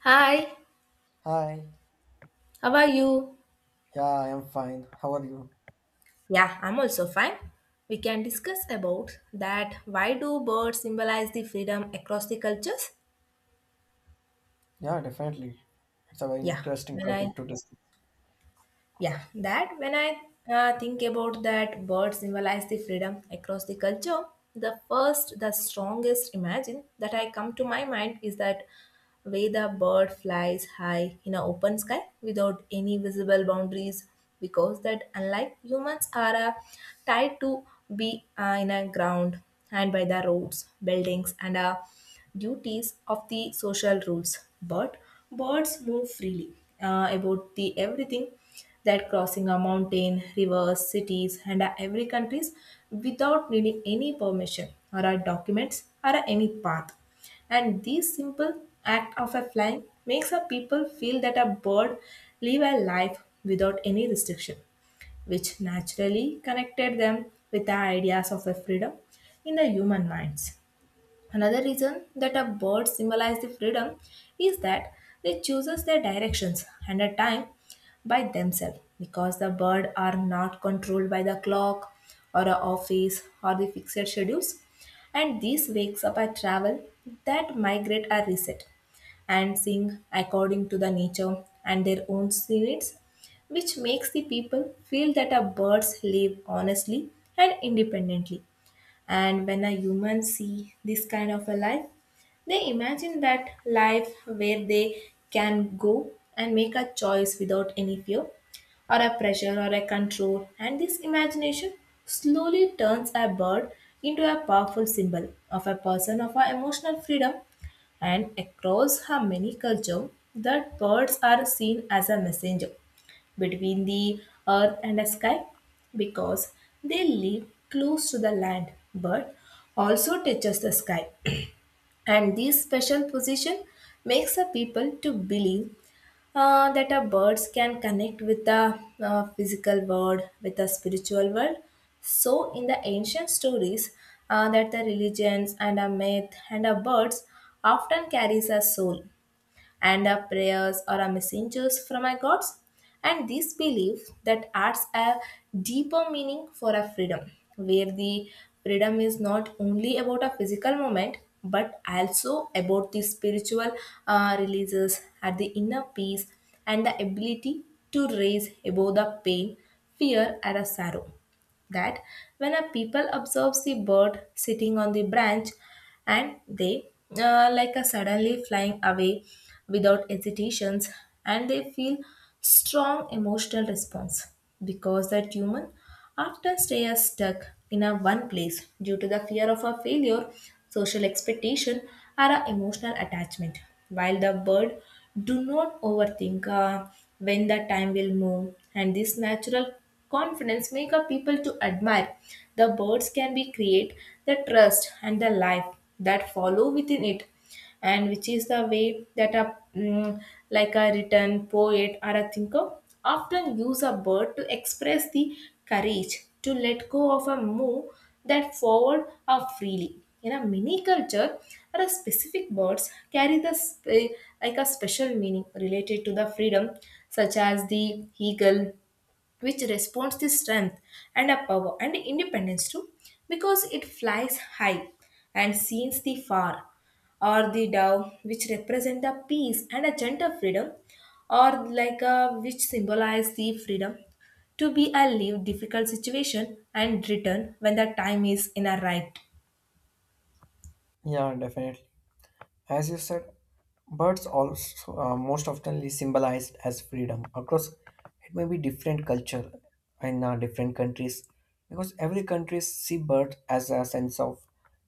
Hi, Hi, how are you? yeah, I am fine. How are you? Yeah, I'm also fine. We can discuss about that why do birds symbolize the freedom across the cultures? Yeah, definitely. It's a very Yeah. interesting When I. topic to discuss. Yeah, that when I think about that bird symbolize the freedom across the culture, the first, the strongest imagine that I come to my mind is that way the bird flies high in an open sky without any visible boundaries, because that unlike humans are tied to be in a ground and by the roads, buildings, and duties of the social rules. But birds move freely about the everything, that crossing a mountain, rivers, cities, and every countries without needing any permission or documents or any path. And this simple act of a flying makes a people feel that a bird live a life without any restriction, which naturally connected them with the ideas of a freedom in the human minds. Another reason that a bird symbolizes the freedom is that they chooses their directions and a time by themselves, because the bird are not controlled by the clock or a office or the fixed schedules. And this wakes up a travel that migrate are reset and sing according to the nature and their own needs, which makes the people feel that a birds live honestly and independently. And when a human see this kind of a life, they imagine that life where they can go and make a choice without any fear or a pressure or a control. And this imagination slowly turns a bird into a powerful symbol of a person of our emotional freedom. And across her many culture, that birds are seen as a messenger between the earth and the sky, because they live close to the land but also touches the sky. And this special position makes the people to believe that a birds can connect with the physical world with the spiritual world. So in the ancient stories, that the religions and a myth and a birds often carries a soul and our prayers are our messengers from our gods. And this belief that adds a deeper meaning for our freedom, where the freedom is not only about a physical moment but also about the spiritual releases at the inner peace and the ability to raise above the pain, fear, and a sorrow. That when a people observes the bird sitting on the branch, and they like a suddenly flying away without hesitations, and they feel strong emotional response, because that human often stay as stuck in a one place due to the fear of a failure, social expectation, or a emotional attachment, while the bird do not overthink when the time will move. And this natural confidence make a people to admire the birds can be create the trust and the life that follow within it. And which is the way that a mm, like a written poet or a thinker often use a bird to express the courage to let go of a move that forward or freely in a mini culture, or a specific birds carry the like a special meaning related to the freedom, such as the eagle, which responds the strength and a power and independence too, because it flies high and sees the far, or the dove, which represent a peace and a gentle freedom, or like a which symbolize the freedom to be a leave difficult situation and return when the time is in a right. Yeah, definitely. As you said, birds also most often symbolized as freedom across it may be different culture in different countries because every country see bird as a sense of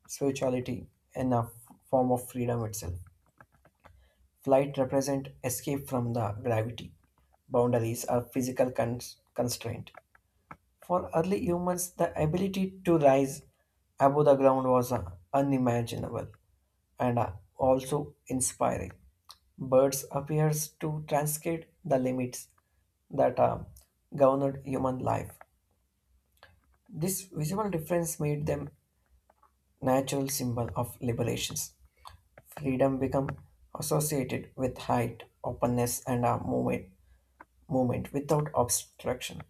spirituality and a form of freedom itself. Flight represent escape from the gravity, boundaries, or physical constraint. For early humans, the ability to rise above the ground was unimaginable and also inspiring. Birds appears to transcend the limits that governed human life. This visual difference made them natural symbol of liberations. Freedom become associated with height, openness, and movement, movement without obstruction.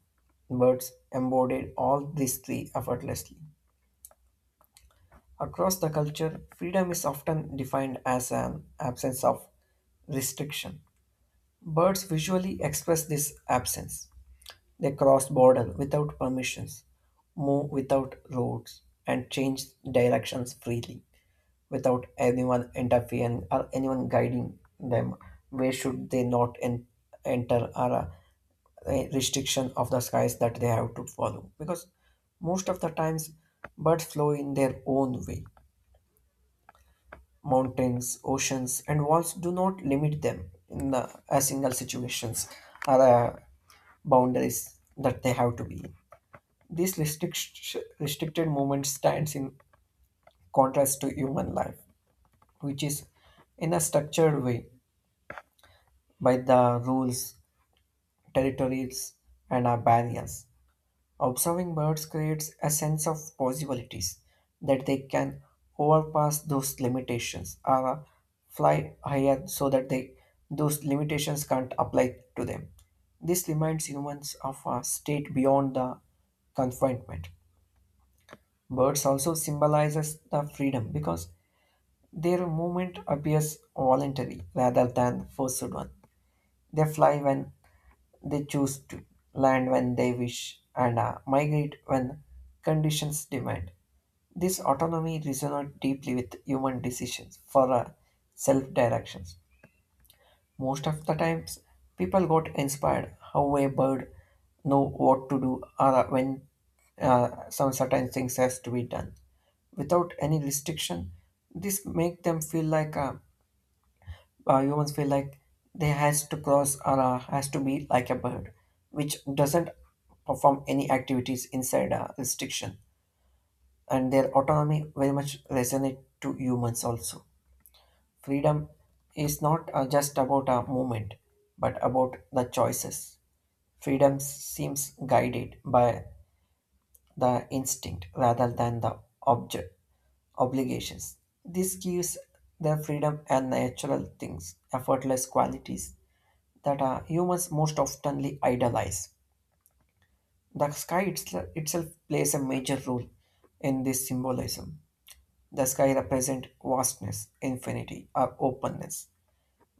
Birds embodied all these three effortlessly. Across the culture, freedom is often defined as an absence of restriction. Birds visually express this absence. They cross border without permissions, move without roads, and change directions freely without anyone interfering or anyone guiding them. Where should they not en- enter or a restriction of the skies that they have to follow? Because most of the times, birds flow in their own way. Mountains, oceans, and walls do not limit them in the, a single situations or the boundaries that they have to be in. Restricted movement stands in contrast to human life, which is in a structured way by the rules, territories, and our barriers. Observing birds creates a sense of possibilities that they can overpass those limitations or fly higher so that they, those limitations can't apply to them. This reminds humans of a state beyond the confinement. Birds also symbolizes the freedom because their movement appears voluntary rather than forced one. They fly when they choose to, land when they wish, and migrate when conditions demand. This autonomy resonates deeply with human decisions for self directions. Most of the times, people got inspired how a bird know what to do or when some certain things has to be done without any restriction. This make them feel like humans feel like they has to cross or has to be like a bird, which doesn't perform any activities inside a restriction. And their autonomy very much resonate to humans also. Freedom is not just about a movement, but about the choices. Freedom seems guided by the instinct rather than the object obligations. This gives their freedom and natural things, effortless qualities that humans most oftenly idolize. The itself plays a major role in this symbolism. The sky represents vastness, infinity, or openness,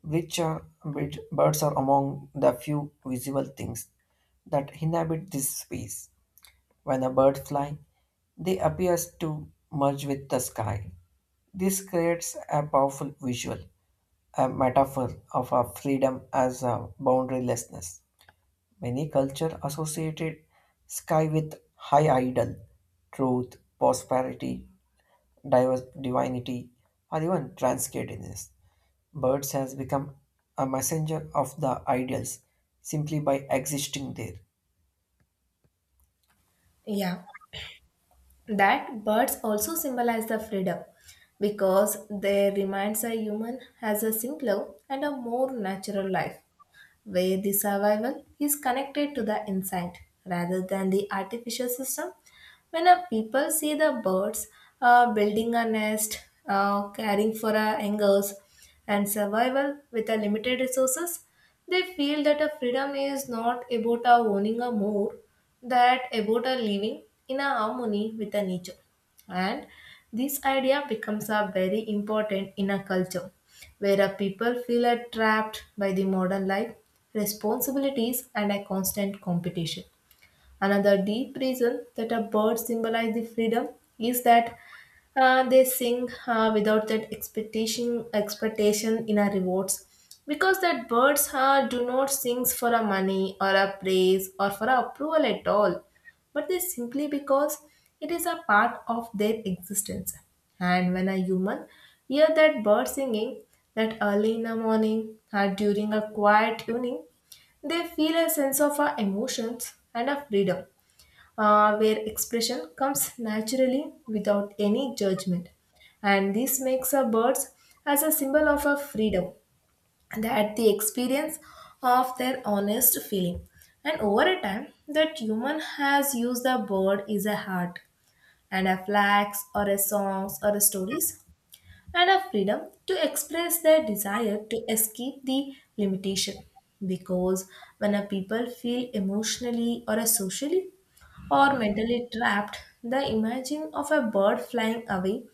which birds are among the few visible things that inhabit this space. When a bird flies, they appears to merge with the sky. This creates a powerful visual, a metaphor of our freedom as a boundarylessness. Many cultures associated sky with high ideal, truth, prosperity, diverse divinity, or even transcendence. Birds has become a messenger of the ideals simply by existing there. Yeah, that birds also symbolize the freedom because they reminds a human has a simpler and a more natural life, where the survival is connected to the inside rather than the artificial system. When a people see the birds building a nest, caring for angers, and survival with a limited resources, they feel that a freedom is not about a owning a more, that about a living in a harmony with the nature. And this idea becomes a very important in a culture where a people feel are trapped by the modern life, responsibilities, and a constant competition. Another deep reason that a bird symbolizes the freedom is that they sing without that expectation in a rewards, because that birds do not sing for a money or a praise or for a approval at all, but they simply because it is a part of their existence. And when a human hear that bird singing that early in the morning or during a quiet evening, they feel a sense of emotions and a freedom, where expression comes naturally without any judgment. And this makes a birds as a symbol of a freedom that the experience of their honest feeling. And over a time, that human has used the bird is a heart and a flags or a songs or a stories and a freedom to express their desire to escape the limitation, because when a people feel emotionally or a socially or mentally trapped, the imaging of a bird flying away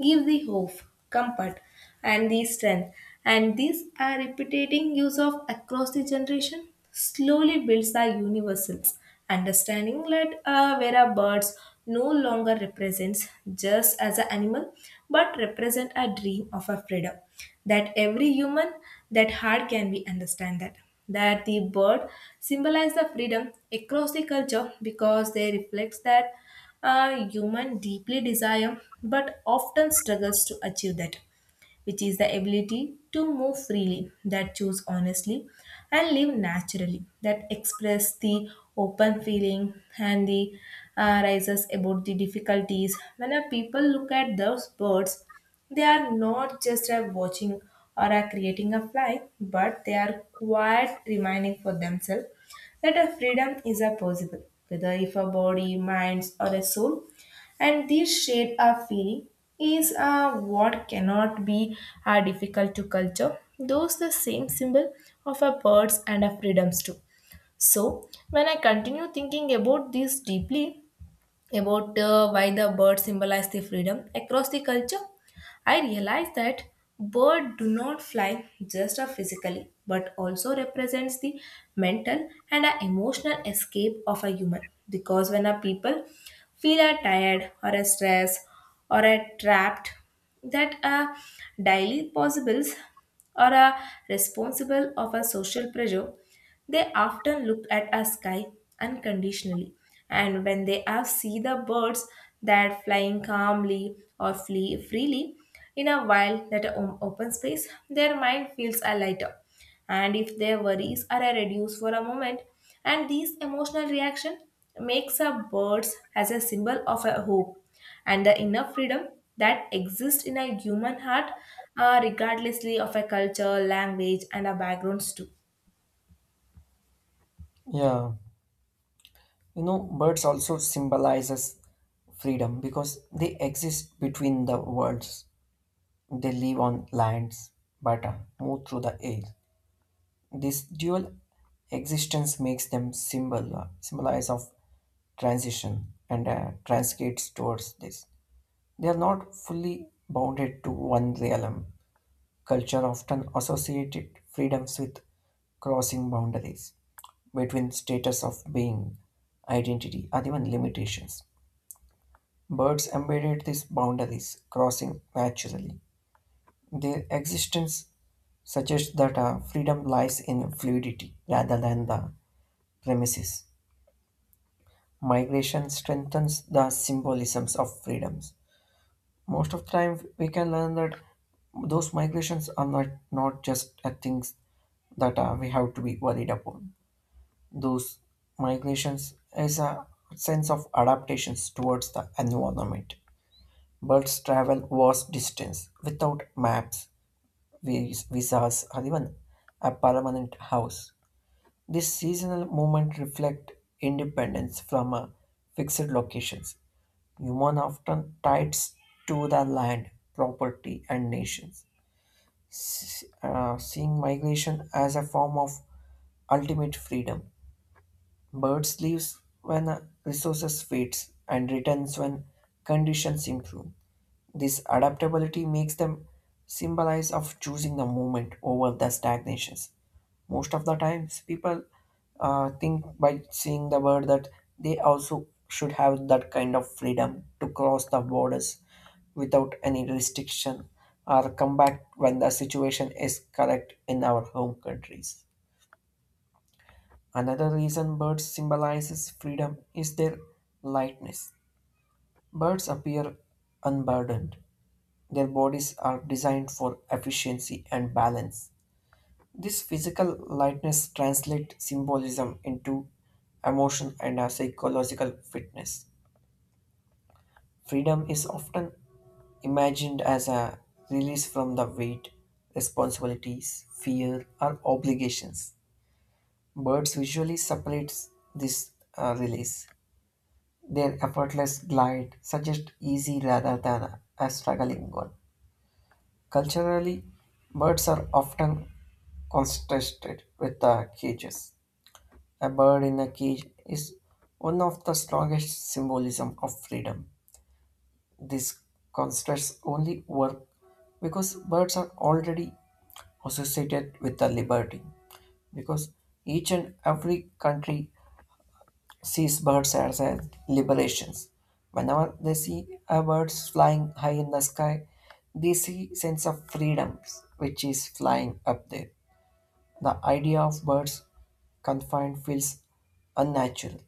gives the hope, comfort, and the strength. And these are repeating use of across the generation slowly builds the universals. Understanding that where a birds no longer represents just as an animal, but represent a dream of a freedom that every human, that heart can be understand that that the bird symbolize the freedom across the culture because they reflect that human deeply desire but often struggles to achieve that, which is the ability to move freely, that choose honestly and live naturally, that express the open feeling and the rises about the difficulties. When a people look at those birds, they are not just a watching or a creating a fly, but they are quite reminding for themselves that a freedom is a possible, whether if a body, minds, or a soul. And this shared our feeling is what cannot be difficult to culture those the same symbol of our birds and our freedoms too. So when I continue thinking about this deeply about why the bird symbolize the freedom across the culture, I realized that bird do not fly just physically but also represents the mental and emotional escape of a human, because when a people feel tired or stressed or trapped, that are daily possibles or are responsible of a social pressure, they often look at a sky unconditionally. And when they have see the birds that flying calmly or flee freely in a wild that open space, their mind feels a lighter. And if their worries are a reduced for a moment, and these emotional reaction makes a birds as a symbol of a hope and the inner freedom that exists in a human heart, regardlessly of a culture, language, and a backgrounds too. Yeah, you know, birds also symbolizes freedom because they exist between the worlds. They live on lands, but move through the air. This dual existence makes them symbolize of transition and transcends towards this. They are not fully bounded to one realm. Culture often associated freedoms with crossing boundaries between status of being, identity, or even limitations. Birds embedded these boundaries, crossing naturally. Their existence suggests that freedom lies in fluidity rather than the premises. Migration strengthens the symbolisms of freedoms. Most of the time, we can learn that those migrations are not just a things that we have to be worried upon. Those migrations is a sense of adaptations towards the environment. Birds travel vast distance without maps, visas, or even a permanent house. This seasonal movement reflect independence from fixed locations. Humans often tied to the land, property, and nations, seeing migration as a form of ultimate freedom. Birds leaves when resources fades and returns when conditions improve. This adaptability makes them symbolize of choosing the movement over the stagnations. Most of the times, people think by seeing the word that they also should have that kind of freedom to cross the borders without any restriction or come back when the situation is correct in our home countries. Another reason birds symbolizes freedom is their lightness. Birds appear unburdened, their bodies are designed for efficiency and balance. This physical lightness translates symbolism into emotion and a psychological fitness. Freedom is often imagined as a release from the weight, responsibilities, fear, or obligations. Birds visually separates this release. Their effortless glide suggests easy rather than a struggling one. Culturally, birds are often contrasted with the cages. A bird in a cage is one of the strongest symbolism of freedom. These contrasts only work because birds are already associated with the liberty. Because each and every country sees birds as a liberations. Whenever they see a bird flying high in the sky, they see sense of freedoms which is flying up there. The idea of birds confined feels unnatural.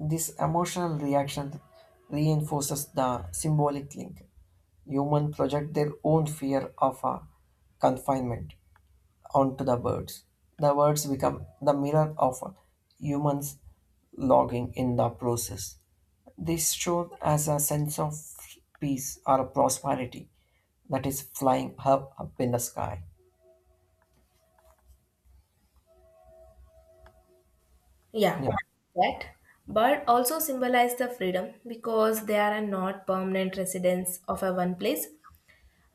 This emotional reaction reinforces the symbolic link. Humans project their own fear of confinement onto the birds. The birds become the mirror of humans logging in the process. This shows as a sense of peace or prosperity that is flying up, up in the sky. Yeah, Yeah. that. But also symbolize the freedom because they are not permanent residents of a one place,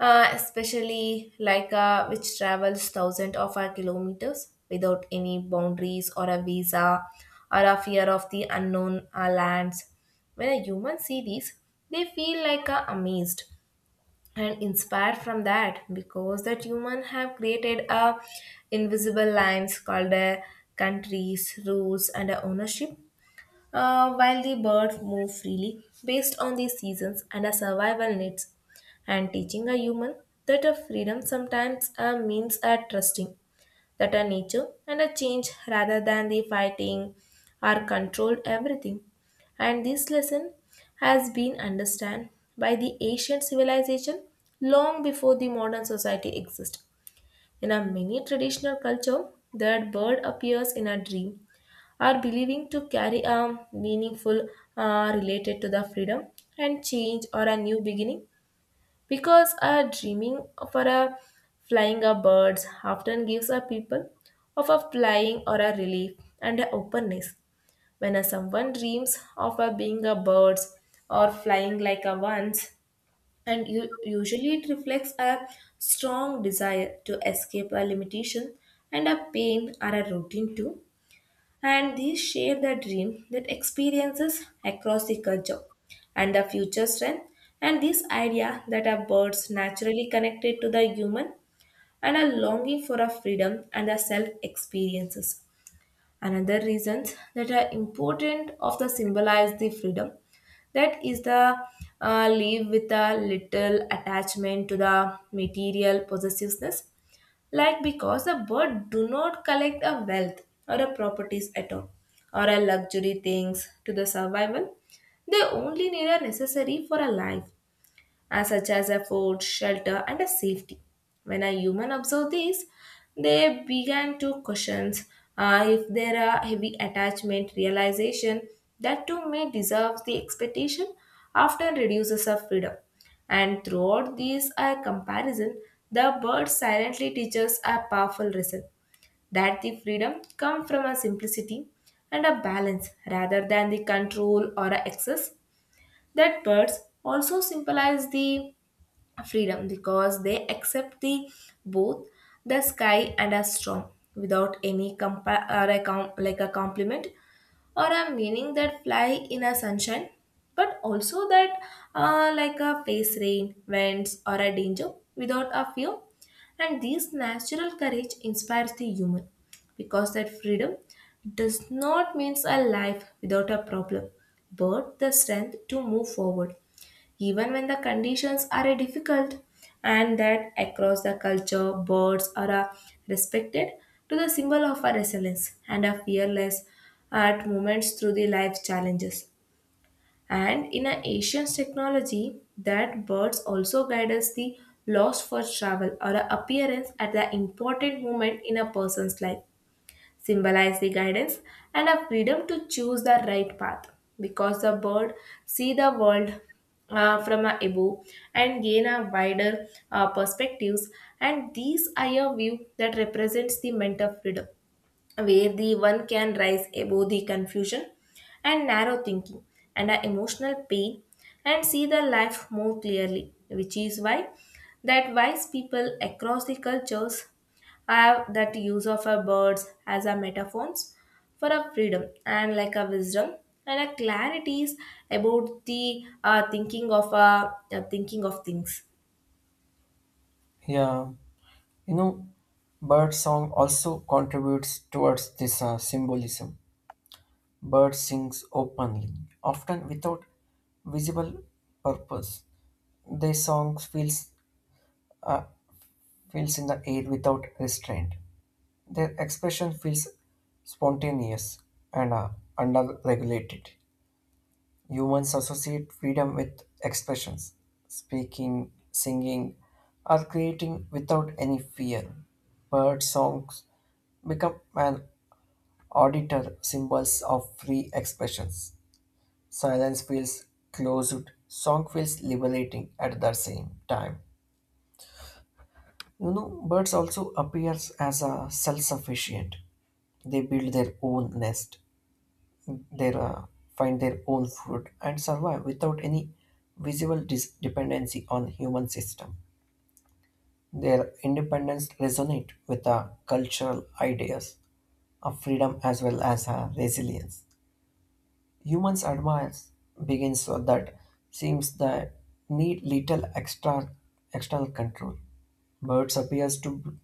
especially like which travels thousands of our kilometers without any boundaries or a visa or a fear of the unknown lands. When a human see these, they feel like amazed and inspired from that, because that human have created a invisible lines called countries, rules, and ownership, while the birds move freely based on the seasons and our survival needs, and teaching a human that a freedom sometimes means a trusting that a nature and a change rather than the fighting are controlled everything. And this lesson has been understood by the ancient civilization long before the modern society exists. In a many traditional culture, that bird appears in a dream are believing to carry a meaningful related to the freedom and change or a new beginning, because a dreaming for a flying a birds often gives a people of a flying or a relief and a openness. When a someone dreams of a being a birds or flying like a once, and usually it reflects a strong desire to escape a limitation and a pain or a routine too, and these share the dream that experiences across the culture and the future strength, and this idea that are birds naturally connected to the human and a longing for a freedom and a self experiences. Another reasons that are important of the symbolize the freedom, that is the live with a little attachment to the material possessiveness, like because a bird do not collect a wealth or a properties at all or a luxury things to the survival. They only need a necessary for a life as such as a food, shelter, and a safety. When a human observed these, they began to question if there are heavy attachment realization that too may deserve the expectation often reduces our freedom. And throughout these comparison, the bird silently teaches a powerful lesson that the freedom come from a simplicity and a balance rather than the control or a excess. That birds also symbolize the freedom because they accept the both the sky and a storm without any compa- or a com- like a compliment or a meaning that fly in a sunshine but also that like a face rain winds or a danger without a fear and this natural courage inspires the human because that freedom does not means a life without a problem but the strength to move forward even when the conditions are difficult. And that across the culture birds are respected to the symbol of a resilience and a fearless at moments through the life challenges, and in a ancient technology that birds also guide us the lost for travel or a appearance at the important moment in a person's life symbolize the guidance and a freedom to choose the right path because the bird see the world from a above and gain a wider perspectives, and these are a view that represents the mental freedom where the one can rise above the confusion and narrow thinking and our emotional pain and see the life more clearly, which is why that wise people across the cultures have that use of our birds as a metaphors for a freedom and like a wisdom and a clarities about the thinking of things. Yeah. You know, bird song also contributes towards this symbolism. Bird sings openly, often without visible purpose. Their song feels uh, feels in the air without restraint. Their expression feels spontaneous and under-regulated. Humans associate freedom with expressions, speaking, singing, or creating without any fear. Bird songs become an Auditor symbols of free expressions. Silence feels closed, song feels liberating at the same time. You know, birds also appears as a self-sufficient. They build their own nest, their find their own food, and survive without any visible dependency on human system. Their independence resonate with the cultural ideas of freedom as well as resilience. Humans admires begins so that seems that need little extra external control. Birds appears to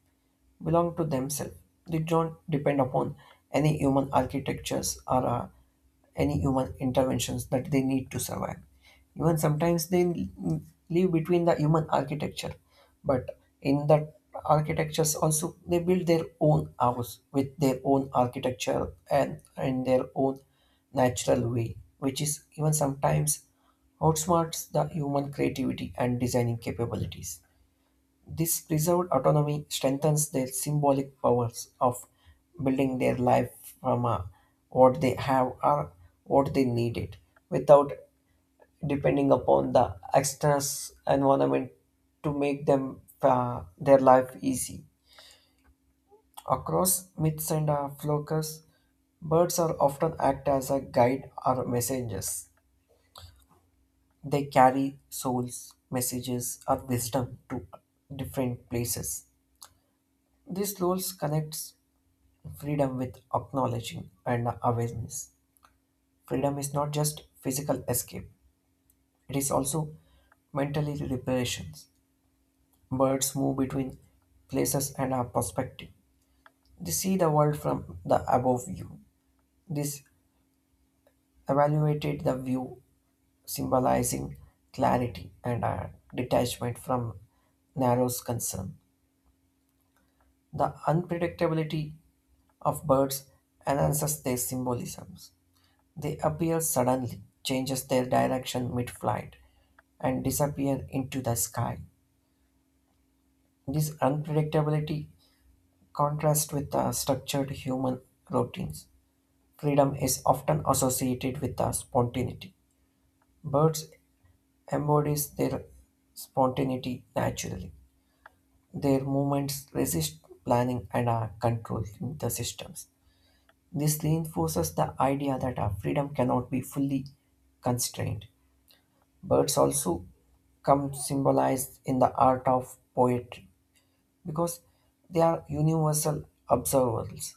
belong to themselves. They don't depend upon any human architectures or any human interventions that they need to survive. Even sometimes live between the human architecture, but in that architectures also they build their own house with their own architecture and in their own natural way, which is even sometimes outsmarts the human creativity and designing capabilities. This preserved autonomy strengthens their symbolic powers of building their life from what they have or what they needed without depending upon the external environment to make them their life easy. Across myths and folklores, birds are often act as a guide or messengers. They carry souls, messages, or wisdom to different places. These roles connects freedom with acknowledging and awareness. Freedom is not just physical escape, it is also mentally reparations. Birds move between places and our perspective. They see the world from the above view. This evaluated the view symbolizing clarity and a detachment from narrows concern. The unpredictability of birds enhances their symbolism. They appear suddenly, changes their direction mid-flight, and disappear into the sky. This unpredictability contrasts with the structured human routines. Freedom is often associated with the spontaneity. Birds embody their spontaneity naturally. Their movements resist planning and are controlling the systems. This reinforces the idea that our freedom cannot be fully constrained. Birds also come symbolized in the art of poetry because they are universal observables.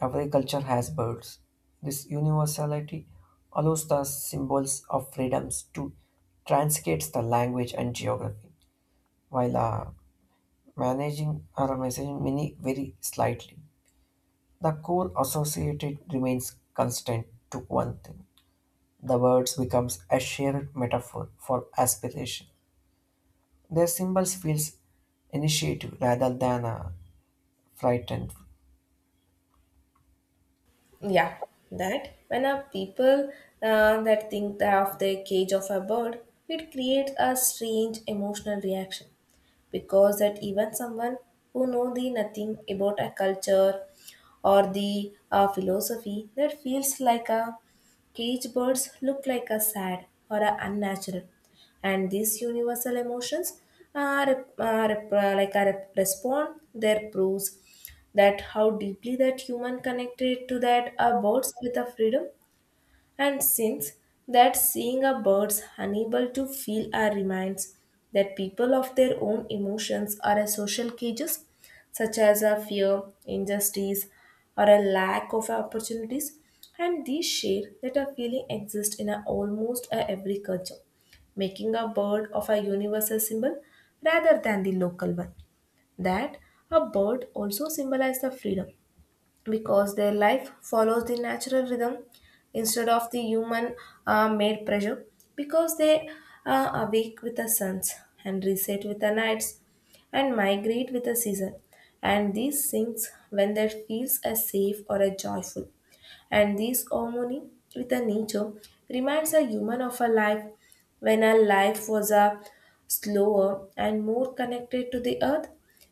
Every culture has birds. This universality allows the symbols of freedoms to translate the language and geography while managing or messaging many very slightly. The core associated remains constant to one thing. The words becomes a shared metaphor for aspiration. Their symbols feels initiative rather than frightened. Yeah, that when a people that think that of the cage of a bird, it creates a strange emotional reaction because that even someone who know the nothing about a culture or the philosophy that feels like a cage birds look like a sad or a unnatural, and these universal emotions are, respond there proves that how deeply that human connected to that birds with a freedom. And since that seeing a birds unable to feel our reminds that people of their own emotions are a social cages, such as a fear, injustice, or a lack of opportunities, and these share that a feeling exists in a, almost a every culture, making a bird of a universal symbol rather than the local one. That a bird also symbolizes the freedom because their life follows the natural rhythm instead of the human made pressure because they awake with the suns and reset with the nights and migrate with the season, and these things when there feels a safe or a joyful, and this harmony with the nature reminds a human of a life when our life was a slower and more connected to the earth,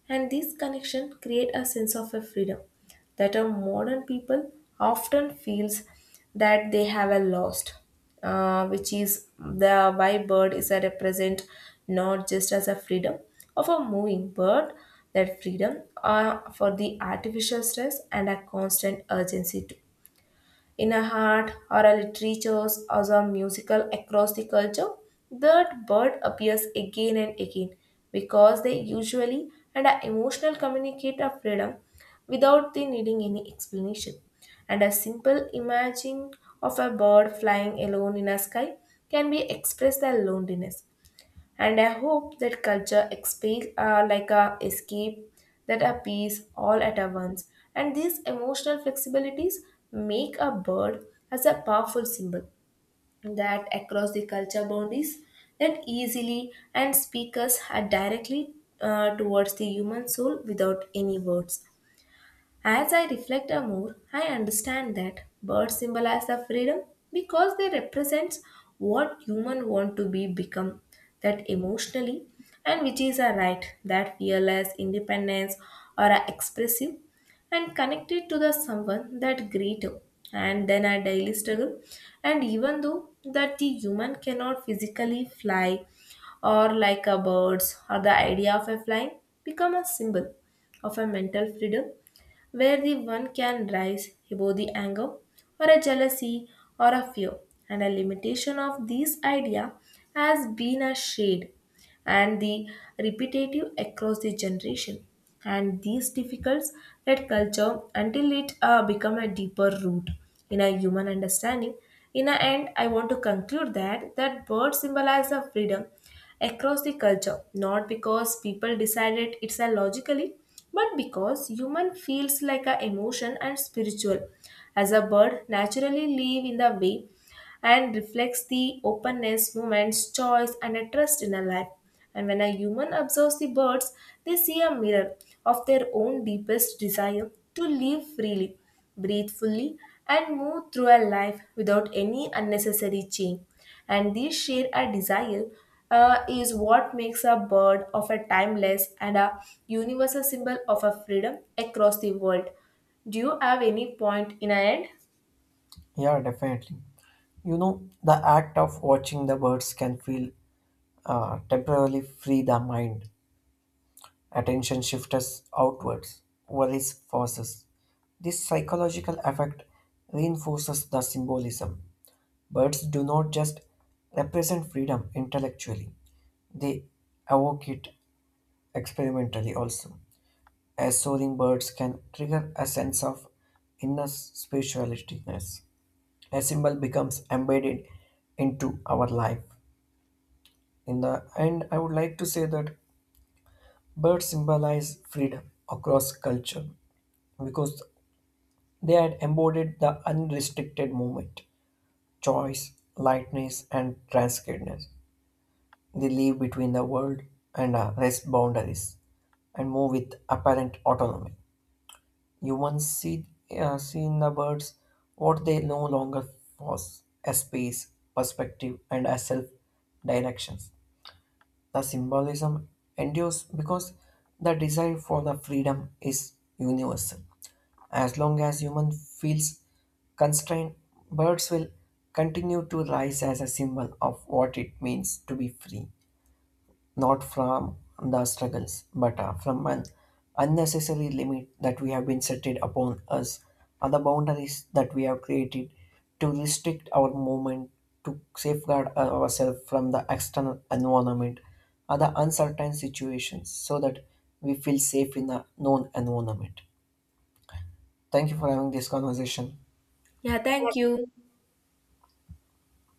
and this connection create a sense of a freedom that a modern people often feels that they have a lost, which is the why bird is a represent not just as a freedom of a moving bird, that freedom for the artificial stress and a constant urgency too in a art or a literatures or a musical across the culture, that bird appears again and again because they usually and are emotional communicate of freedom without the needing any explanation. And a simple imaging of a bird flying alone in a sky can be expressed as loneliness, and I hope that culture expands like a escape that appears all at a once. And these emotional flexibilities make a bird as a powerful symbol that across the culture boundaries that easily and speakers are directly towards the human soul without any words. As I reflect more, I understand that birds symbolize the freedom because they represent what human want to be become that emotionally, and which is a right that fearless independence or a expressive and connected to the someone that greater and then a daily struggle. And even though that the human cannot physically fly or like a birds or the idea of a flying become a symbol of a mental freedom where the one can rise above the anger or a jealousy or a fear. And a limitation of this idea has been a shade and the repetitive across the generation. And these difficulties that culture until it become a deeper root in a human understanding. In the end, I want to conclude that that bird symbolize the freedom across the culture, not because people decided it's a logically, but because human feels like a emotion and spiritual. As a bird naturally live in the way, and reflects the openness, moments, choice, and a trust in a life. And when a human observes the birds, they see a mirror of their own deepest desire to live freely, breathe fully, and move through a life without any unnecessary chain. And this share a desire is what makes a bird of a timeless and a universal symbol of a freedom across the world. Do you have any point in a end? Yeah, definitely. You know, the act of watching the birds can feel temporarily free the mind. Attention shifts outwards. Worries forces. This psychological effect reinforces the symbolism. Birds do not just represent freedom intellectually; they evoke it experimentally also. As soaring birds can trigger a sense of inner spiritualness. A symbol becomes embedded into our life. In the end, I would like to say that birds symbolize freedom across culture because they had embodied the unrestricted movement, choice, lightness, and transcendence. They live between the world and rest boundaries and move with apparent autonomy. Humans see in the birds what they no longer was a space, perspective, and a self directions. The symbolism endures because the desire for the freedom is universal. As long as human feels constrained, birds will continue to rise as a symbol of what it means to be free not from the struggles, but from an unnecessary limit that we have been set it upon us, are the boundaries that we have created to restrict our movement, to safeguard ourselves from the external environment, are the uncertain situations so that we feel safe in the known environment. Thank you for having this conversation. Yeah, thank you.